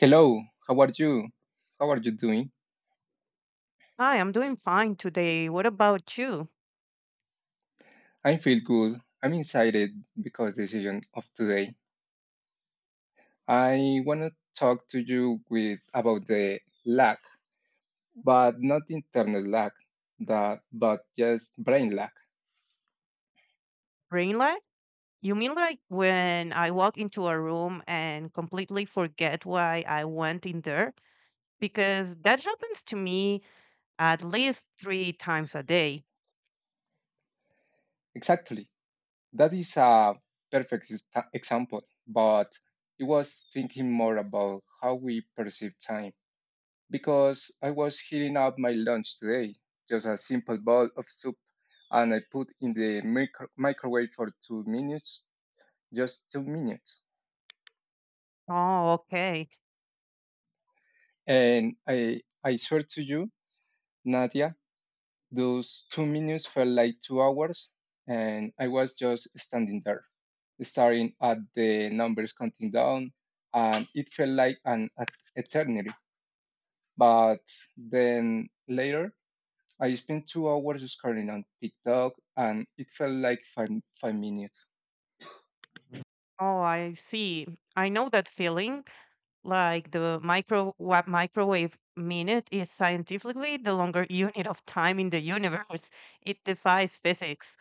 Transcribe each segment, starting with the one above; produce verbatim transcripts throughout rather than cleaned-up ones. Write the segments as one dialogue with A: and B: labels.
A: Hello, how are you? How are you doing?
B: Hi, I'm doing fine today. What about you?
A: I feel good. I'm excited because the decision of today. I want to talk to you with about the lack, but not internal lack, that but just brain lack.
B: Brain lag? You mean like when I walk into a room and completely forget why I went in there? Because that happens to me at least three times a day.
A: Exactly. That is a perfect ex- example, but it was thinking more about how we perceive time. because I was heating up my lunch today. Just a simple bowl of soup, and I put in the micro- microwave for two minutes, just two minutes.
B: Oh, okay.
A: And I, I swear to you, Nadia, those two minutes felt like two hours, and I was just standing there, staring at the numbers counting down, and it felt like an et- eternity. But then later, I spent two hours scrolling on TikTok and it felt like five, five minutes.
B: Oh, I see. I know that feeling. Like the micro wa- microwave minute is scientifically the longer unit of time in the universe. It defies physics.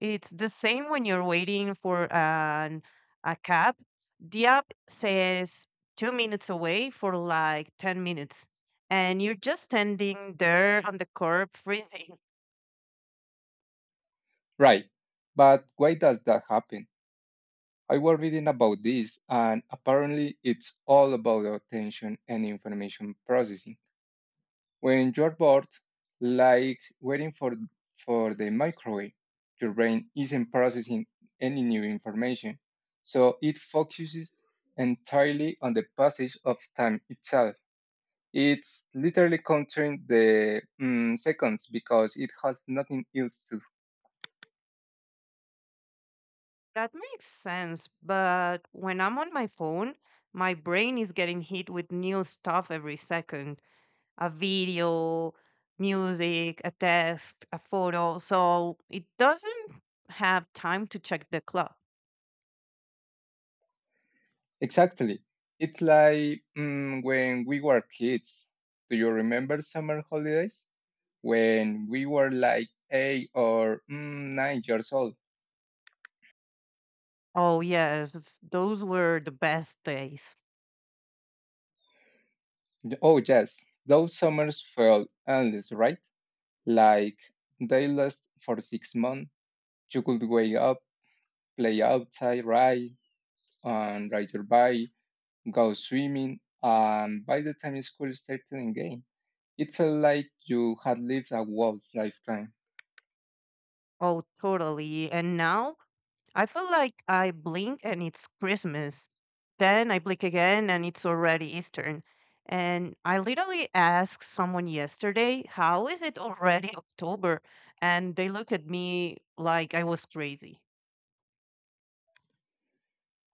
B: It's the same when you're waiting for an a cab. The app says two minutes away for like ten minutes, and you're just standing there on the curb freezing.
A: Right. But why does that happen? I was reading about this and apparently it's all about attention and information processing. When you're bored, like waiting for, for the microwave, your brain isn't processing any new information. So it focuses entirely on the passage of time itself It's literally countering the mm, seconds because it has nothing else to.
B: That makes sense, but when I'm on my phone, my brain is getting hit with new stuff every second, a video, music, a text, a photo. So it doesn't have time to check the clock.
A: Exactly. It's like mm, when we were kids. Do you remember summer holidays? When we were like eight or mm, nine years old.
B: Oh, yes, it's- those were the best days.
A: Oh, yes. Those summers felt endless, right? Like they last for six months. You could wake up, play outside, ride, and ride your bike go swimming, and by the time school started again, it felt like you had lived a whole lifetime.
B: Oh, totally. And now I feel like I blink and it's Christmas. Then I blink again and it's already Eastern. And I literally asked someone yesterday, how is it already October? And they look at me like I was crazy.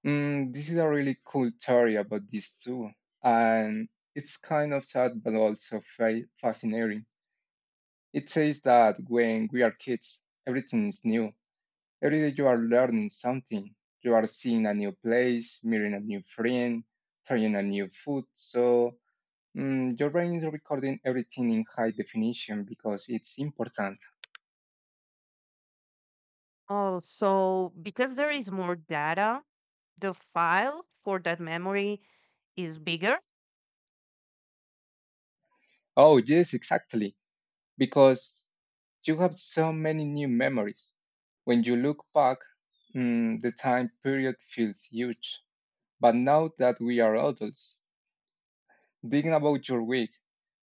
A: Mm, this is a really cool theory about this too, and it's kind of sad but also fa- fascinating. It says that when we are kids, everything is new. Every day you are learning something. You are seeing a new place, meeting a new friend, trying a new food. So mm, your brain is recording everything in high definition because it's important.
B: Oh, so because there is more data, the file for that memory is bigger.
A: Oh, yes, exactly. Because you have so many new memories. When you look back, mm, the time period feels huge. But now that we are adults, think about your week.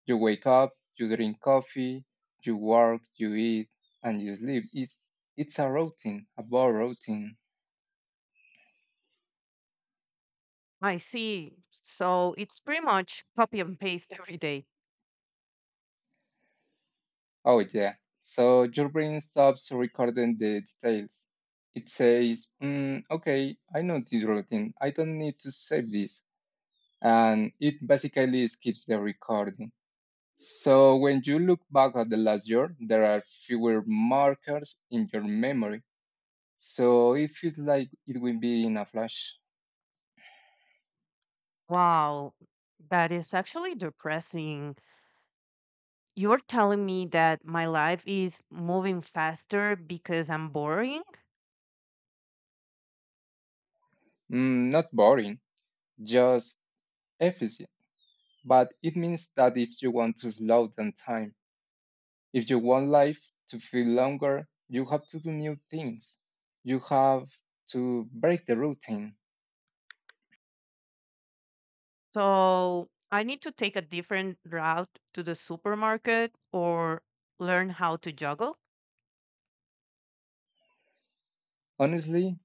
A: You wake up, you drink coffee, you work, you eat, and you sleep. It's, it's a routine, a bad routine.
B: I see. So it's pretty much copy and paste every day.
A: Oh, yeah. So your brain stops recording the details. It says, mm, okay, I know this routine. I don't need to save this. and it basically skips the recording. So when you look back at the last year, there are fewer markers in your memory. So it feels like it will be in a flash.
B: Wow, that is actually depressing. You're telling me that my life is moving faster because I'm boring.
A: Mm, not boring, just efficient. But it means that if you want to slow down time, if you want life to feel longer, you have to do new things. You have to break the routine.
B: So I need to take a different route to the supermarket or learn how to juggle.
A: Honestly,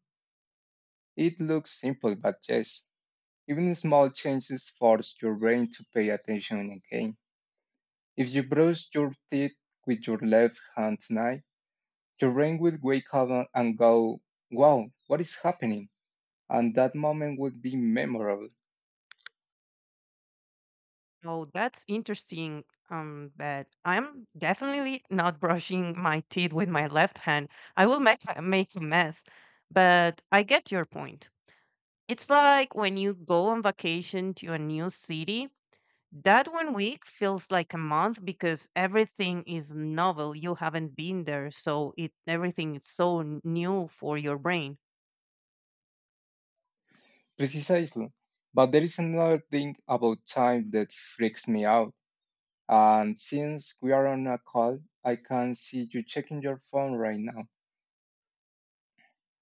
A: it looks simple, but yes, even small changes force your brain to pay attention again. If you brush your teeth with your left hand tonight, your brain will wake up and go, wow, what is happening? And that moment would be memorable.
B: Oh, that's interesting. Um, but I'm definitely not brushing my teeth with my left hand. I will make a- make a mess. But I get your point. It's like when you go on vacation to a new city, that one week feels like a month because everything is novel. You haven't been there, so it everything is so n- new for your brain.
A: Precisely. But there is another thing about time that freaks me out. And since we are on a call, I can see you checking your phone right now.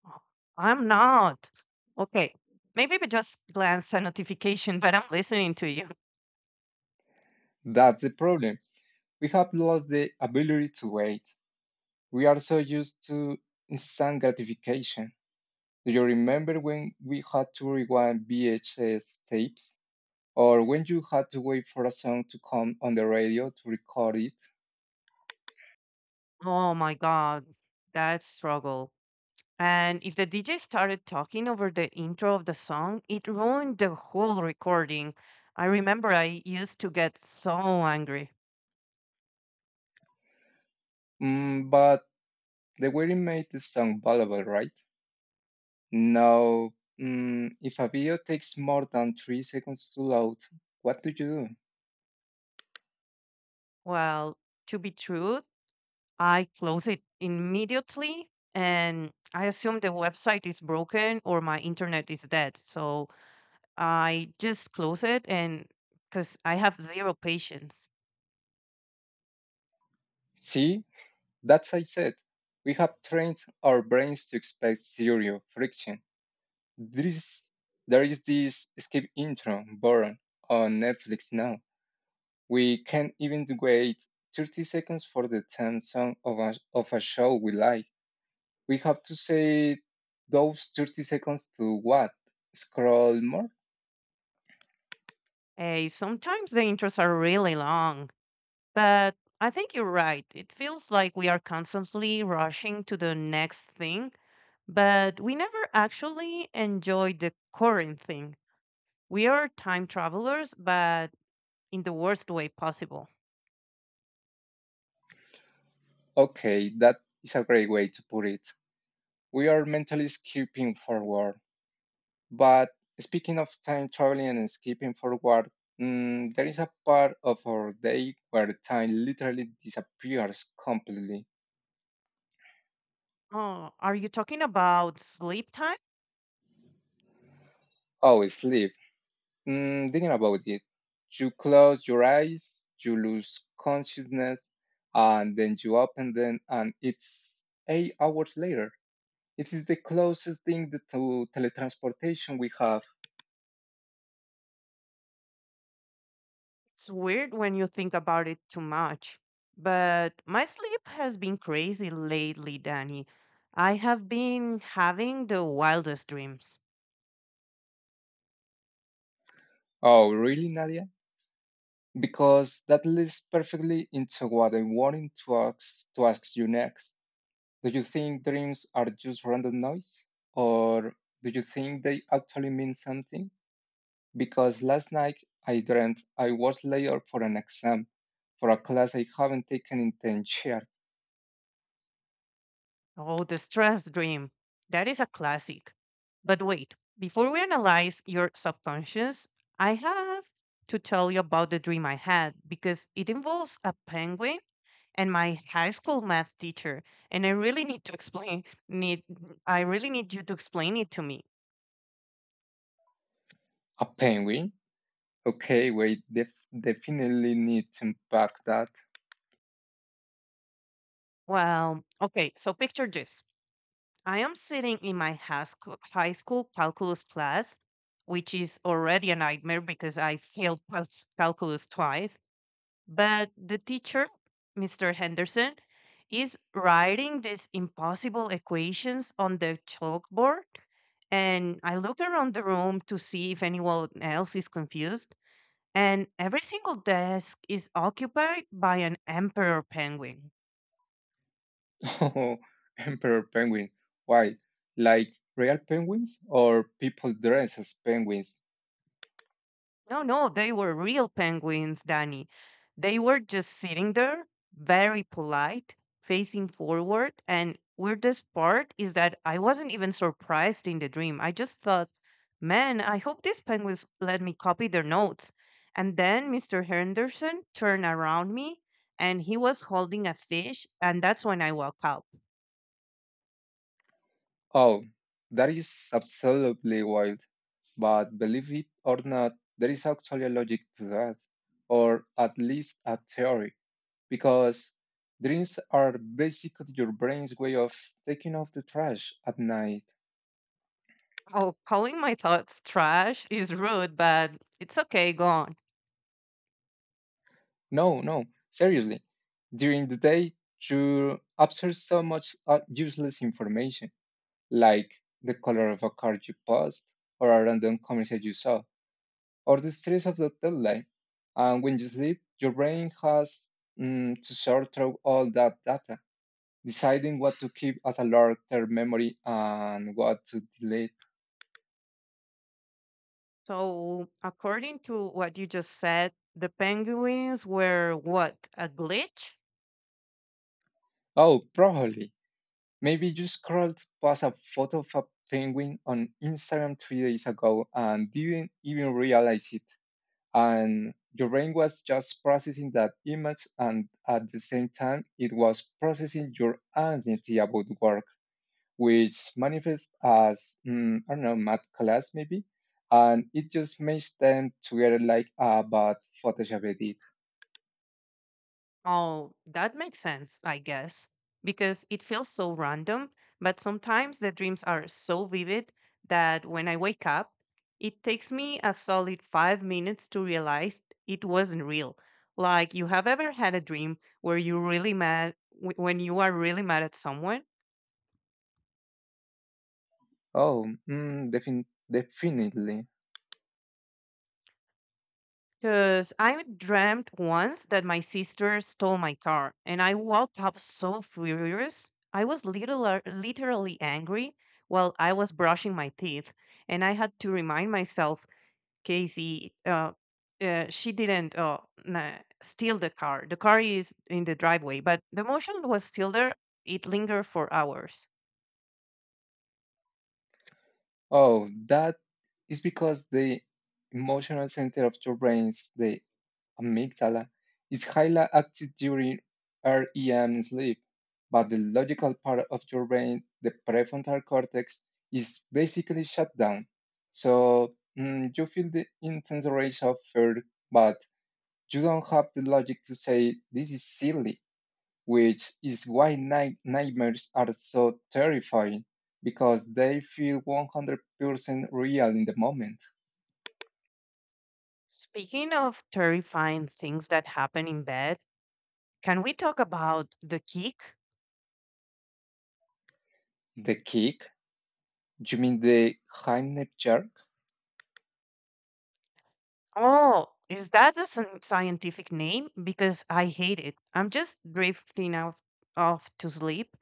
B: Oh, I'm not. Okay. Maybe we just glance a notification, but I'm listening to you.
A: That's the problem. We have lost the ability to wait. We are so used to instant gratification. Do you remember when we had to rewind V H S tapes? Or when you had to wait for a song to come on the radio to record it?
B: Oh my god, that struggle. And if the D J started talking over the intro of the song, it ruined the whole recording. I remember I used to get so angry.
A: Mm, but the waiting made the song valuable, right? Now, mm, if a video takes more than three seconds to load, what do you do?
B: Well, to be true, I close it immediately and I assume the website is broken or my internet is dead. So I just close it and because I have zero patience.
A: See, that's I said. We have trained our brains to expect zero friction. This, there is this escape intro born on Netflix now. We can't even wait thirty seconds for the theme song of a, of a show we like. We have to say those thirty seconds to what? Scroll more?
B: Eh, sometimes the intros are really long, but I think you're right. It feels like we are constantly rushing to the next thing, but we never actually enjoy the current thing. We are time travelers, but in the worst way possible.
A: Okay, that is a great way to put it. We are mentally skipping forward. But speaking of time traveling and skipping forward, Mm, there is a part of our day where time literally disappears completely.
B: Oh, are you talking about sleep time?
A: Oh, sleep. Mm, thinking about it, you close your eyes, you lose consciousness, and then you open them, and it's eight hours later. It is the closest thing that to teletransportation we have.
B: It's weird when you think about it too much. But my sleep has been crazy lately, Danny. I have been having the wildest dreams.
A: Oh, really, Nadia? Because that leads perfectly into what I wanted to ask, to ask you next. Do you think dreams are just random noise? Or do you think they actually mean something? because last night I dreamt I was layered for an exam for a class I haven't taken in ten years.
B: Oh, the stress dream. That is a classic. But wait, before we analyze your subconscious, I have to tell you about the dream I had because it involves a penguin and my high school math teacher, and I really need to explain need I really need you to explain it to me.
A: A penguin? Okay, wait, def- definitely need to unpack that.
B: Well, okay, so picture this. I am sitting in my high school, high school calculus class, which is already a nightmare because I failed cal- calculus twice. But the teacher, mister Henderson, is writing these impossible equations on the chalkboard. And I look around the room to see if anyone else is confused. And every single desk is occupied by an emperor penguin.
A: Oh, Emperor Penguin. Why? Like real penguins or people dressed as penguins?
B: No, no, they were real penguins, Danny. They were just sitting there, very polite, facing forward. And weirdest part is that I wasn't even surprised in the dream. I just thought, man, I hope these penguins let me copy their notes. And then mister Henderson turned around me and he was holding a fish. And that's when I woke up.
A: Oh, that is absolutely wild. But believe it or not, there is actually a logic to that, or at least a theory. because dreams are basically your brain's way of taking off the trash at night.
B: Oh, calling my thoughts trash is rude, but it's okay. Go on.
A: No, no, seriously. During the day, you absorb so much uh, useless information, like the color of a car you passed, or a random commercial you saw, or the stress of the deadline. And when you sleep, your brain has mm, to sort through all that data, deciding what to keep as a long-term memory and what to delete.
B: So, according to what you just said, the penguins were what? A glitch?
A: Oh, probably. Maybe you scrolled past a photo of a penguin on Instagram three days ago and didn't even realize it. And your brain was just processing that image, and at the same time, it was processing your anxiety about work, which manifests as, mm, I don't know, math class maybe. And it just makes them together like a bad Photoshop edit.
B: Oh, that makes sense, I guess, because it feels so random. But sometimes the dreams are so vivid that when I wake up, it takes me a solid five minutes to realize it wasn't real. Like, you have ever had a dream where you really mad wh- when you are really mad at someone?
A: Oh, mm, defin- definitely.
B: Because I dreamt once that my sister stole my car, and I woke up so furious. I was literal, literally angry while I was brushing my teeth, and I had to remind myself, Casey, uh, uh, she didn't uh, na- steal the car. The car is in the driveway, but the motion was still there. It lingered for hours.
A: Oh, that is because the emotional center of your brains, the amygdala, is highly active during REM sleep, but the logical part of your brain, the prefrontal cortex, is basically shut down. So mm, you feel the intense rush of fear, but you don't have the logic to say this is silly, which is why night nightmares are so terrifying because they feel one hundred percent real in the moment.
B: Speaking of terrifying things that happen in bed, can we talk about the kick?
A: The kick? You mean the Heimlich jerk?
B: Oh, is that a scien- scientific name? Because I hate it. I'm just drifting off, off to sleep.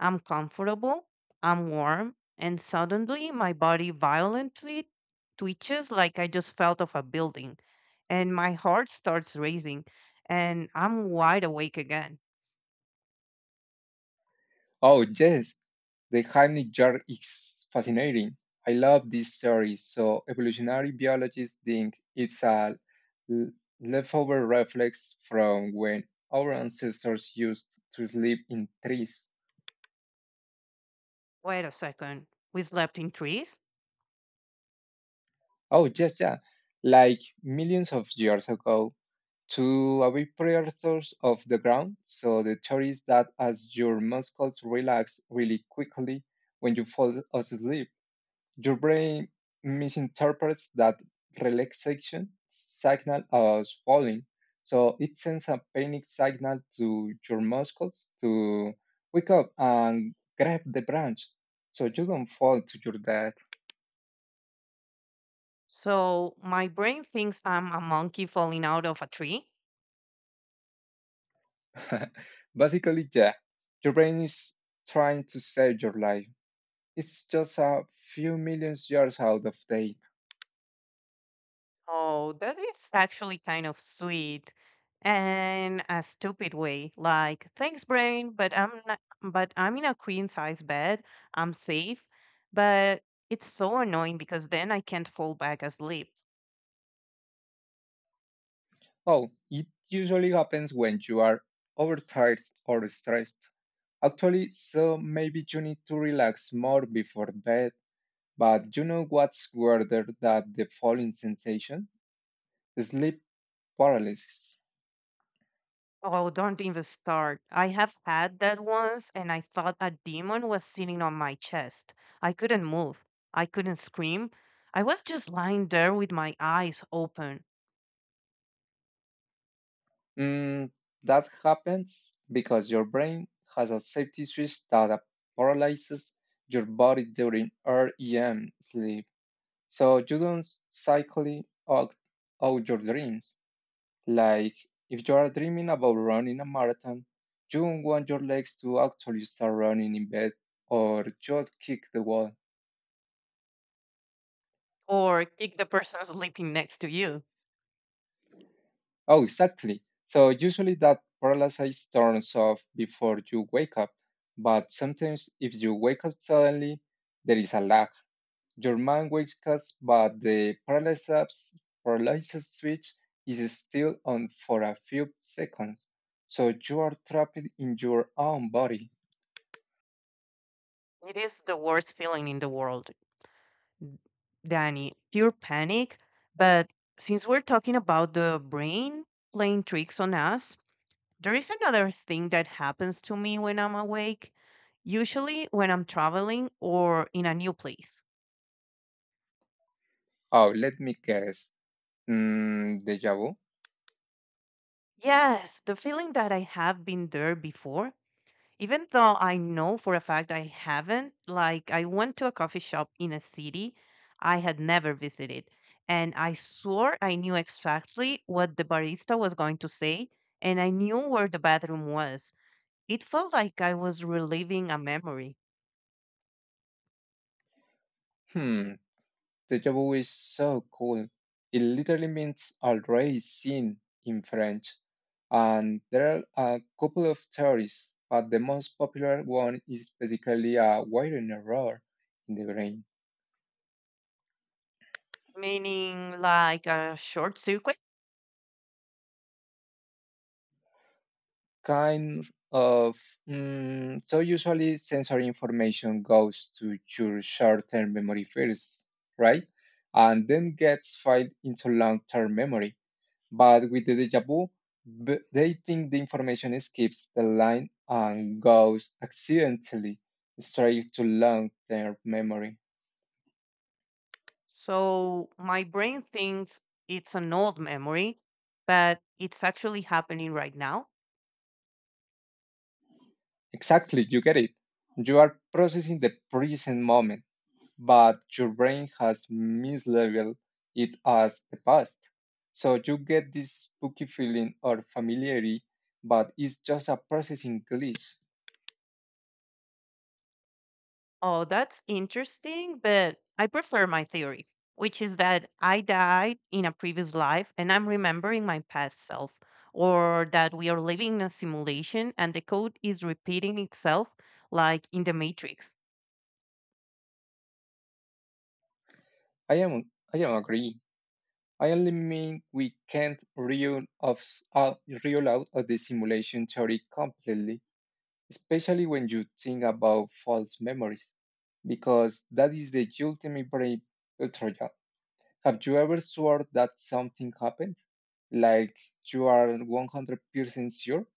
B: I'm comfortable, I'm warm, and suddenly my body violently twitches like I just fell off a building, and my heart starts racing, and I'm wide awake again.
A: Oh, yes, the Heimlich jar is fascinating. I love this theory. So evolutionary biologists think it's a l- leftover reflex from when our ancestors used to sleep in trees.
B: Wait a second. We slept in trees?
A: Oh, yes, yeah. Like millions of years ago, to avoid predators of the ground. So the theory is that as your muscles relax really quickly when you fall asleep, your brain misinterprets that relaxation signal as falling, so it sends a panic signal to your muscles to wake up and grab the branch so you don't fall to your death.
B: So my brain thinks I'm a monkey falling out of a tree?
A: Basically, yeah, your brain is trying to save your life. It's just a few million years out of date.
B: Oh, that is actually kind of sweet and a stupid way. Like, thanks, brain, but I'm not, but I'm in a queen size bed. I'm safe, but it's so annoying because then I can't fall back asleep.
A: Oh, it usually happens when you are overtired or stressed. Actually, so maybe you need to relax more before bed, but you know what's weirder than the falling sensation? Sleep paralysis.
B: Oh, don't even start. I have had that once, and I thought a demon was sitting on my chest. I couldn't move. I couldn't scream. I was just lying there with my eyes open.
A: Mm, that happens because your brain has a safety switch that paralyzes your body during REM sleep, so you don't cycle out, out your dreams. Like, if you are dreaming about running a marathon, you don't want your legs to actually start running in bed or just kick the wall.
B: Or kick the person sleeping next to you.
A: Oh, exactly. So, usually that paralysis turns off before you wake up. But sometimes, if you wake up suddenly, there is a lag. Your mind wakes up, but the paralysis, paralysis switch is still on for a few seconds. So, you are trapped in your own body.
B: It is the worst feeling in the world, Danny. Pure panic. But since we're talking about the brain playing tricks on us, there is another thing that happens to me when I'm awake, usually when I'm traveling or in a new place.
A: Oh, let me guess. Mm, Deja vu?
B: Yes, the feeling that I have been there before. Even though I know for a fact I haven't, like I went to a coffee shop in a city I had never visited, and I swore I knew exactly what the barista was going to say, and I knew where the bathroom was. It felt like I was reliving a memory,
A: Hmm, deja vu is so cool. It literally means already seen in French. And there are a couple of theories, but the most popular one is basically a wiring error in the brain.
B: meaning like a short circuit.
A: kind of mm, So usually sensory information goes to your short-term memory first, right, and then gets filed into long-term memory. But with the deja vu, b- they think the information skips the line and goes accidentally straight to long-term memory.
B: So my brain thinks it's an old memory, but it's actually happening right now.
A: Exactly, you get it. You are processing the present moment, but your brain has mislabeled it as the past. So you get this spooky feeling or familiarity, but it's just a processing glitch.
B: Oh, that's interesting, but I prefer my theory, which is that I died in a previous life and I'm remembering my past self, or that we are living in a simulation and the code is repeating itself like in the Matrix.
A: I am I am agree. I only mean we can't reel of uh, reel out of the simulation theory completely, especially when you think about false memories, because that is the ultimate brain trojan. Have you ever swore that something happened? Like you are one hundred percent sure,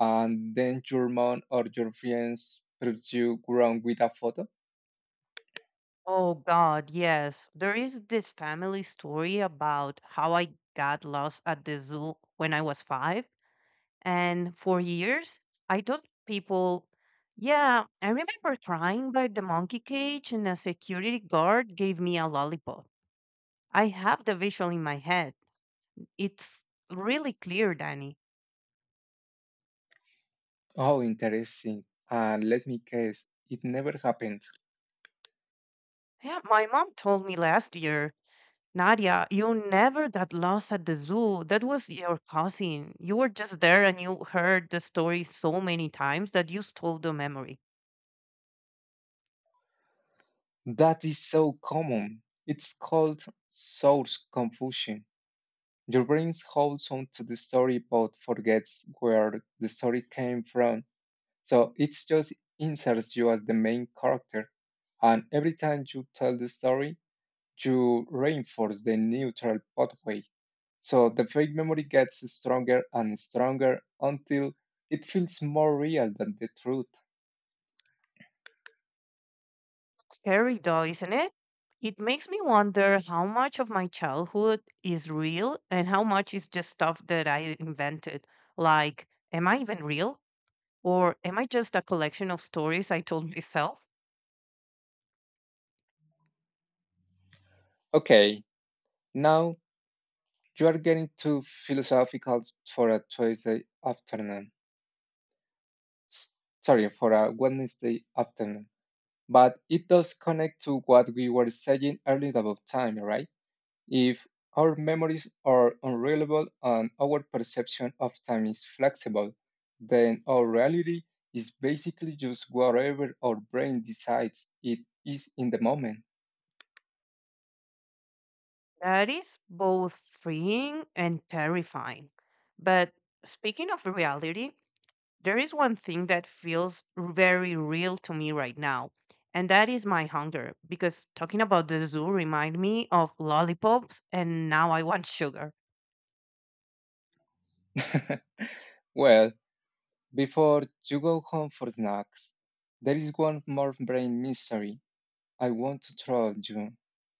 A: and then your mom or your friends proves you wrong with a photo?
B: Oh, God, yes. There is this family story about how I got lost at the zoo when I was five. And for years, I told people, yeah, I remember crying by the monkey cage and a security guard gave me a lollipop. I have the visual in my head. It's really clear, Danny.
A: Oh, interesting. And let me guess, it never happened.
B: Yeah, my mom told me last year, Nadia, you never got lost at the zoo. That was your cousin. You were just there and you heard the story so many times that you stole the memory.
A: That is so common. It's called source confusion. Your brain holds on to the story but forgets where the story came from. So it just inserts you as the main character. And every time you tell the story, you reinforce the neutral pathway. So the fake memory gets stronger and stronger until it feels more real than the truth.
B: Scary though, isn't it? It makes me wonder how much of my childhood is real and how much is just stuff that I invented. Like, am I even real? Or am I just a collection of stories I told myself?
A: Okay, now you are getting too philosophical for a Tuesday afternoon. S- Sorry, for a Wednesday afternoon. But it does connect to what we were saying earlier about time, right? If our memories are unreliable and our perception of time is flexible, then our reality is basically just whatever our brain decides it is in the moment.
B: That is both freeing and terrifying. But speaking of reality, there is one thing that feels very real to me right now and that is my hunger because talking about the zoo remind me of lollipops and now I want sugar.
A: well, before you go home for snacks, there is one more brain mystery I want to trust you.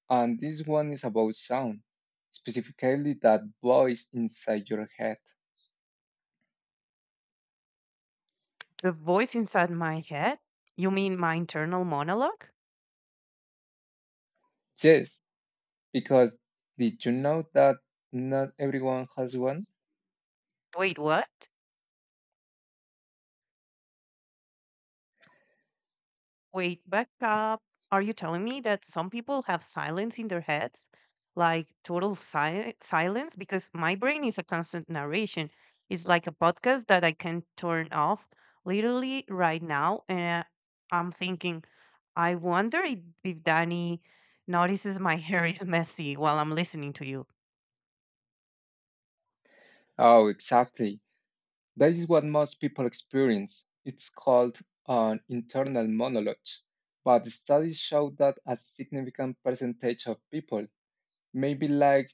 A: And this one is about sound, specifically that voice inside your head.
B: The voice inside my head, you mean my internal monologue?
A: Yes, because did you know that not everyone has one?
B: Wait, what? Wait, back up. Are you telling me that some people have silence in their heads? Like total si- silence? Because my brain is a constant narration. It's like a podcast that I can turn off literally right now. And I'm thinking, I wonder if, if Danny notices my hair is messy while I'm listening to you.
A: Oh, exactly. That is what most people experience. It's called an internal monologue. But studies show that a significant percentage of people, maybe like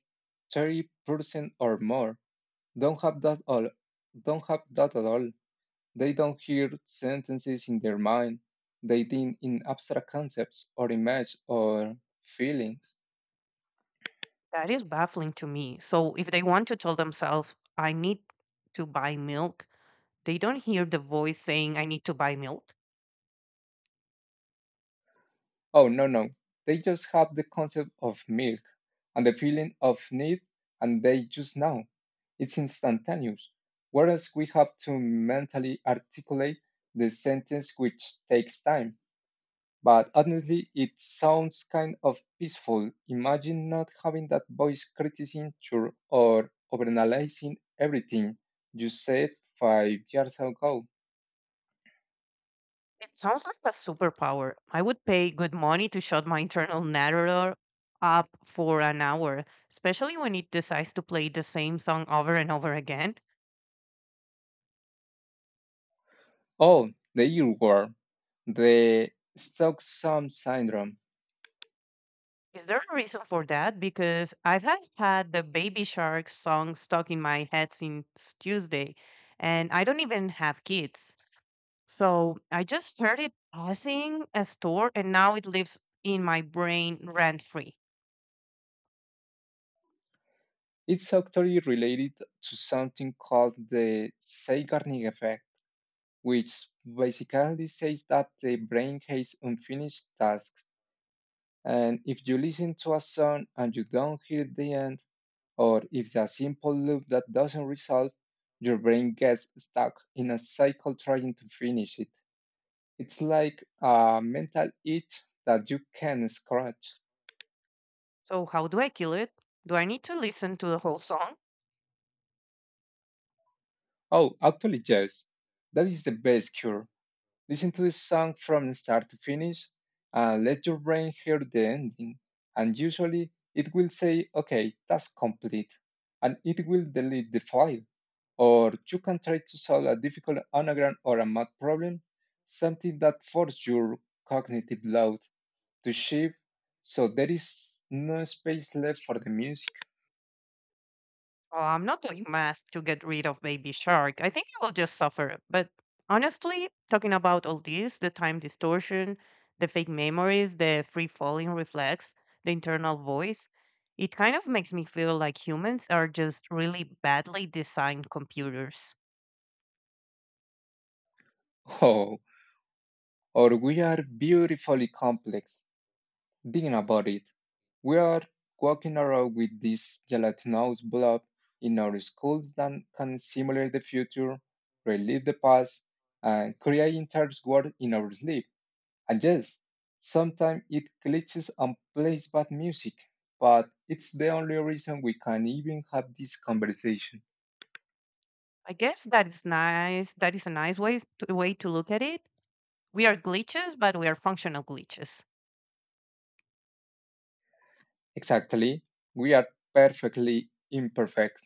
A: thirty percent or more, don't have that all don't have that at all. They don't hear sentences in their mind. They think in abstract concepts or images or feelings.
B: That is baffling to me. So if they want to tell themselves, I need to buy milk, they don't hear the voice saying, I need to buy milk.
A: Oh, no, no. They just have the concept of milk and the feeling of need, and they just know. It's instantaneous. Whereas we have to mentally articulate the sentence, which takes time. But honestly, it sounds kind of peaceful. Imagine not having that voice criticizing your- or overanalyzing everything you said five years ago.
B: It sounds like a superpower. I would pay good money to shut my internal narrator up for an hour, especially when it decides to play the same song over and over again.
A: Oh, the earworm, the Stockholm syndrome.
B: Is there a reason for that? Because I've had, had the Baby Shark song stuck in my head since Tuesday, and I don't even have kids. So I just heard it passing a store, and now it lives in my brain rent free.
A: It's actually related to something called the Zeigarnik effect, which basically says that the brain has unfinished tasks. And if you listen to a song and you don't hear the end, or if the simple loop that doesn't resolve, your brain gets stuck in a cycle trying to finish it. It's like a mental itch that you can scratch.
B: So, how do I kill it? Do I need to listen to the whole song?
A: Oh, actually, yes. That is the best cure. Listen to the song from start to finish and let your brain hear the ending. And usually it will say, okay, that's complete. And it will delete the file. Or you can try to solve a difficult anagram or a math problem, something that forces your cognitive load to shift so there is no space left for the music.
B: Oh, I'm not doing math to get rid of Baby Shark. I think I will just suffer. But honestly, talking about all this, the time distortion, the fake memories, the free falling reflex, the internal voice, it kind of makes me feel like humans are just really badly designed computers.
A: Oh, or we are beautifully complex. Thinking about it, we are walking around with this gelatinous blob in our schools that can simulate the future, relive the past, and create entire world in our sleep. And yes, sometimes it glitches and plays bad music, but it's the only reason we can even have this conversation.
B: I guess that is nice. That is a nice way to, way to look at it. We are glitches, but we are functional glitches.
A: Exactly, we are perfectly imperfect.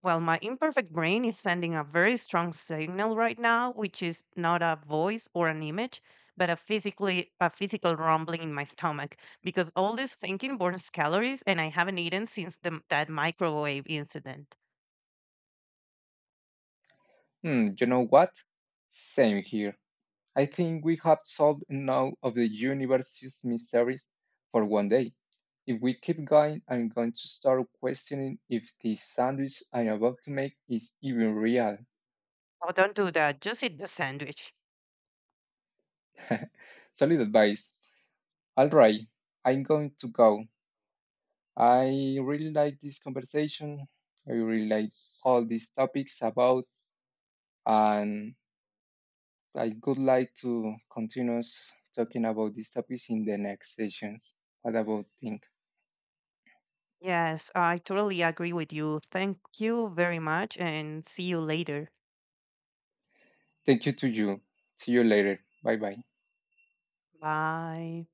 B: Well, my imperfect brain is sending a very strong signal right now, which is not a voice or an image, but a physically a physical rumbling in my stomach because all this thinking burns calories and I haven't eaten since the, that microwave incident.
A: Hmm, you know what? Same here. I think we have solved enough of the universe's mysteries for one day. If we keep going, I'm going to start questioning if the sandwich I'm about to make is even real.
B: Oh, don't do that. Just eat the sandwich.
A: Solid advice. All right, I'm going to go. I really like this conversation. I really like all these topics about, and I would like to continue talking about these topics in the next sessions. What about things?
B: Yes, I totally agree with you. Thank you very much and see you later.
A: Thank you to you. See you later. Bye bye.
B: Bye.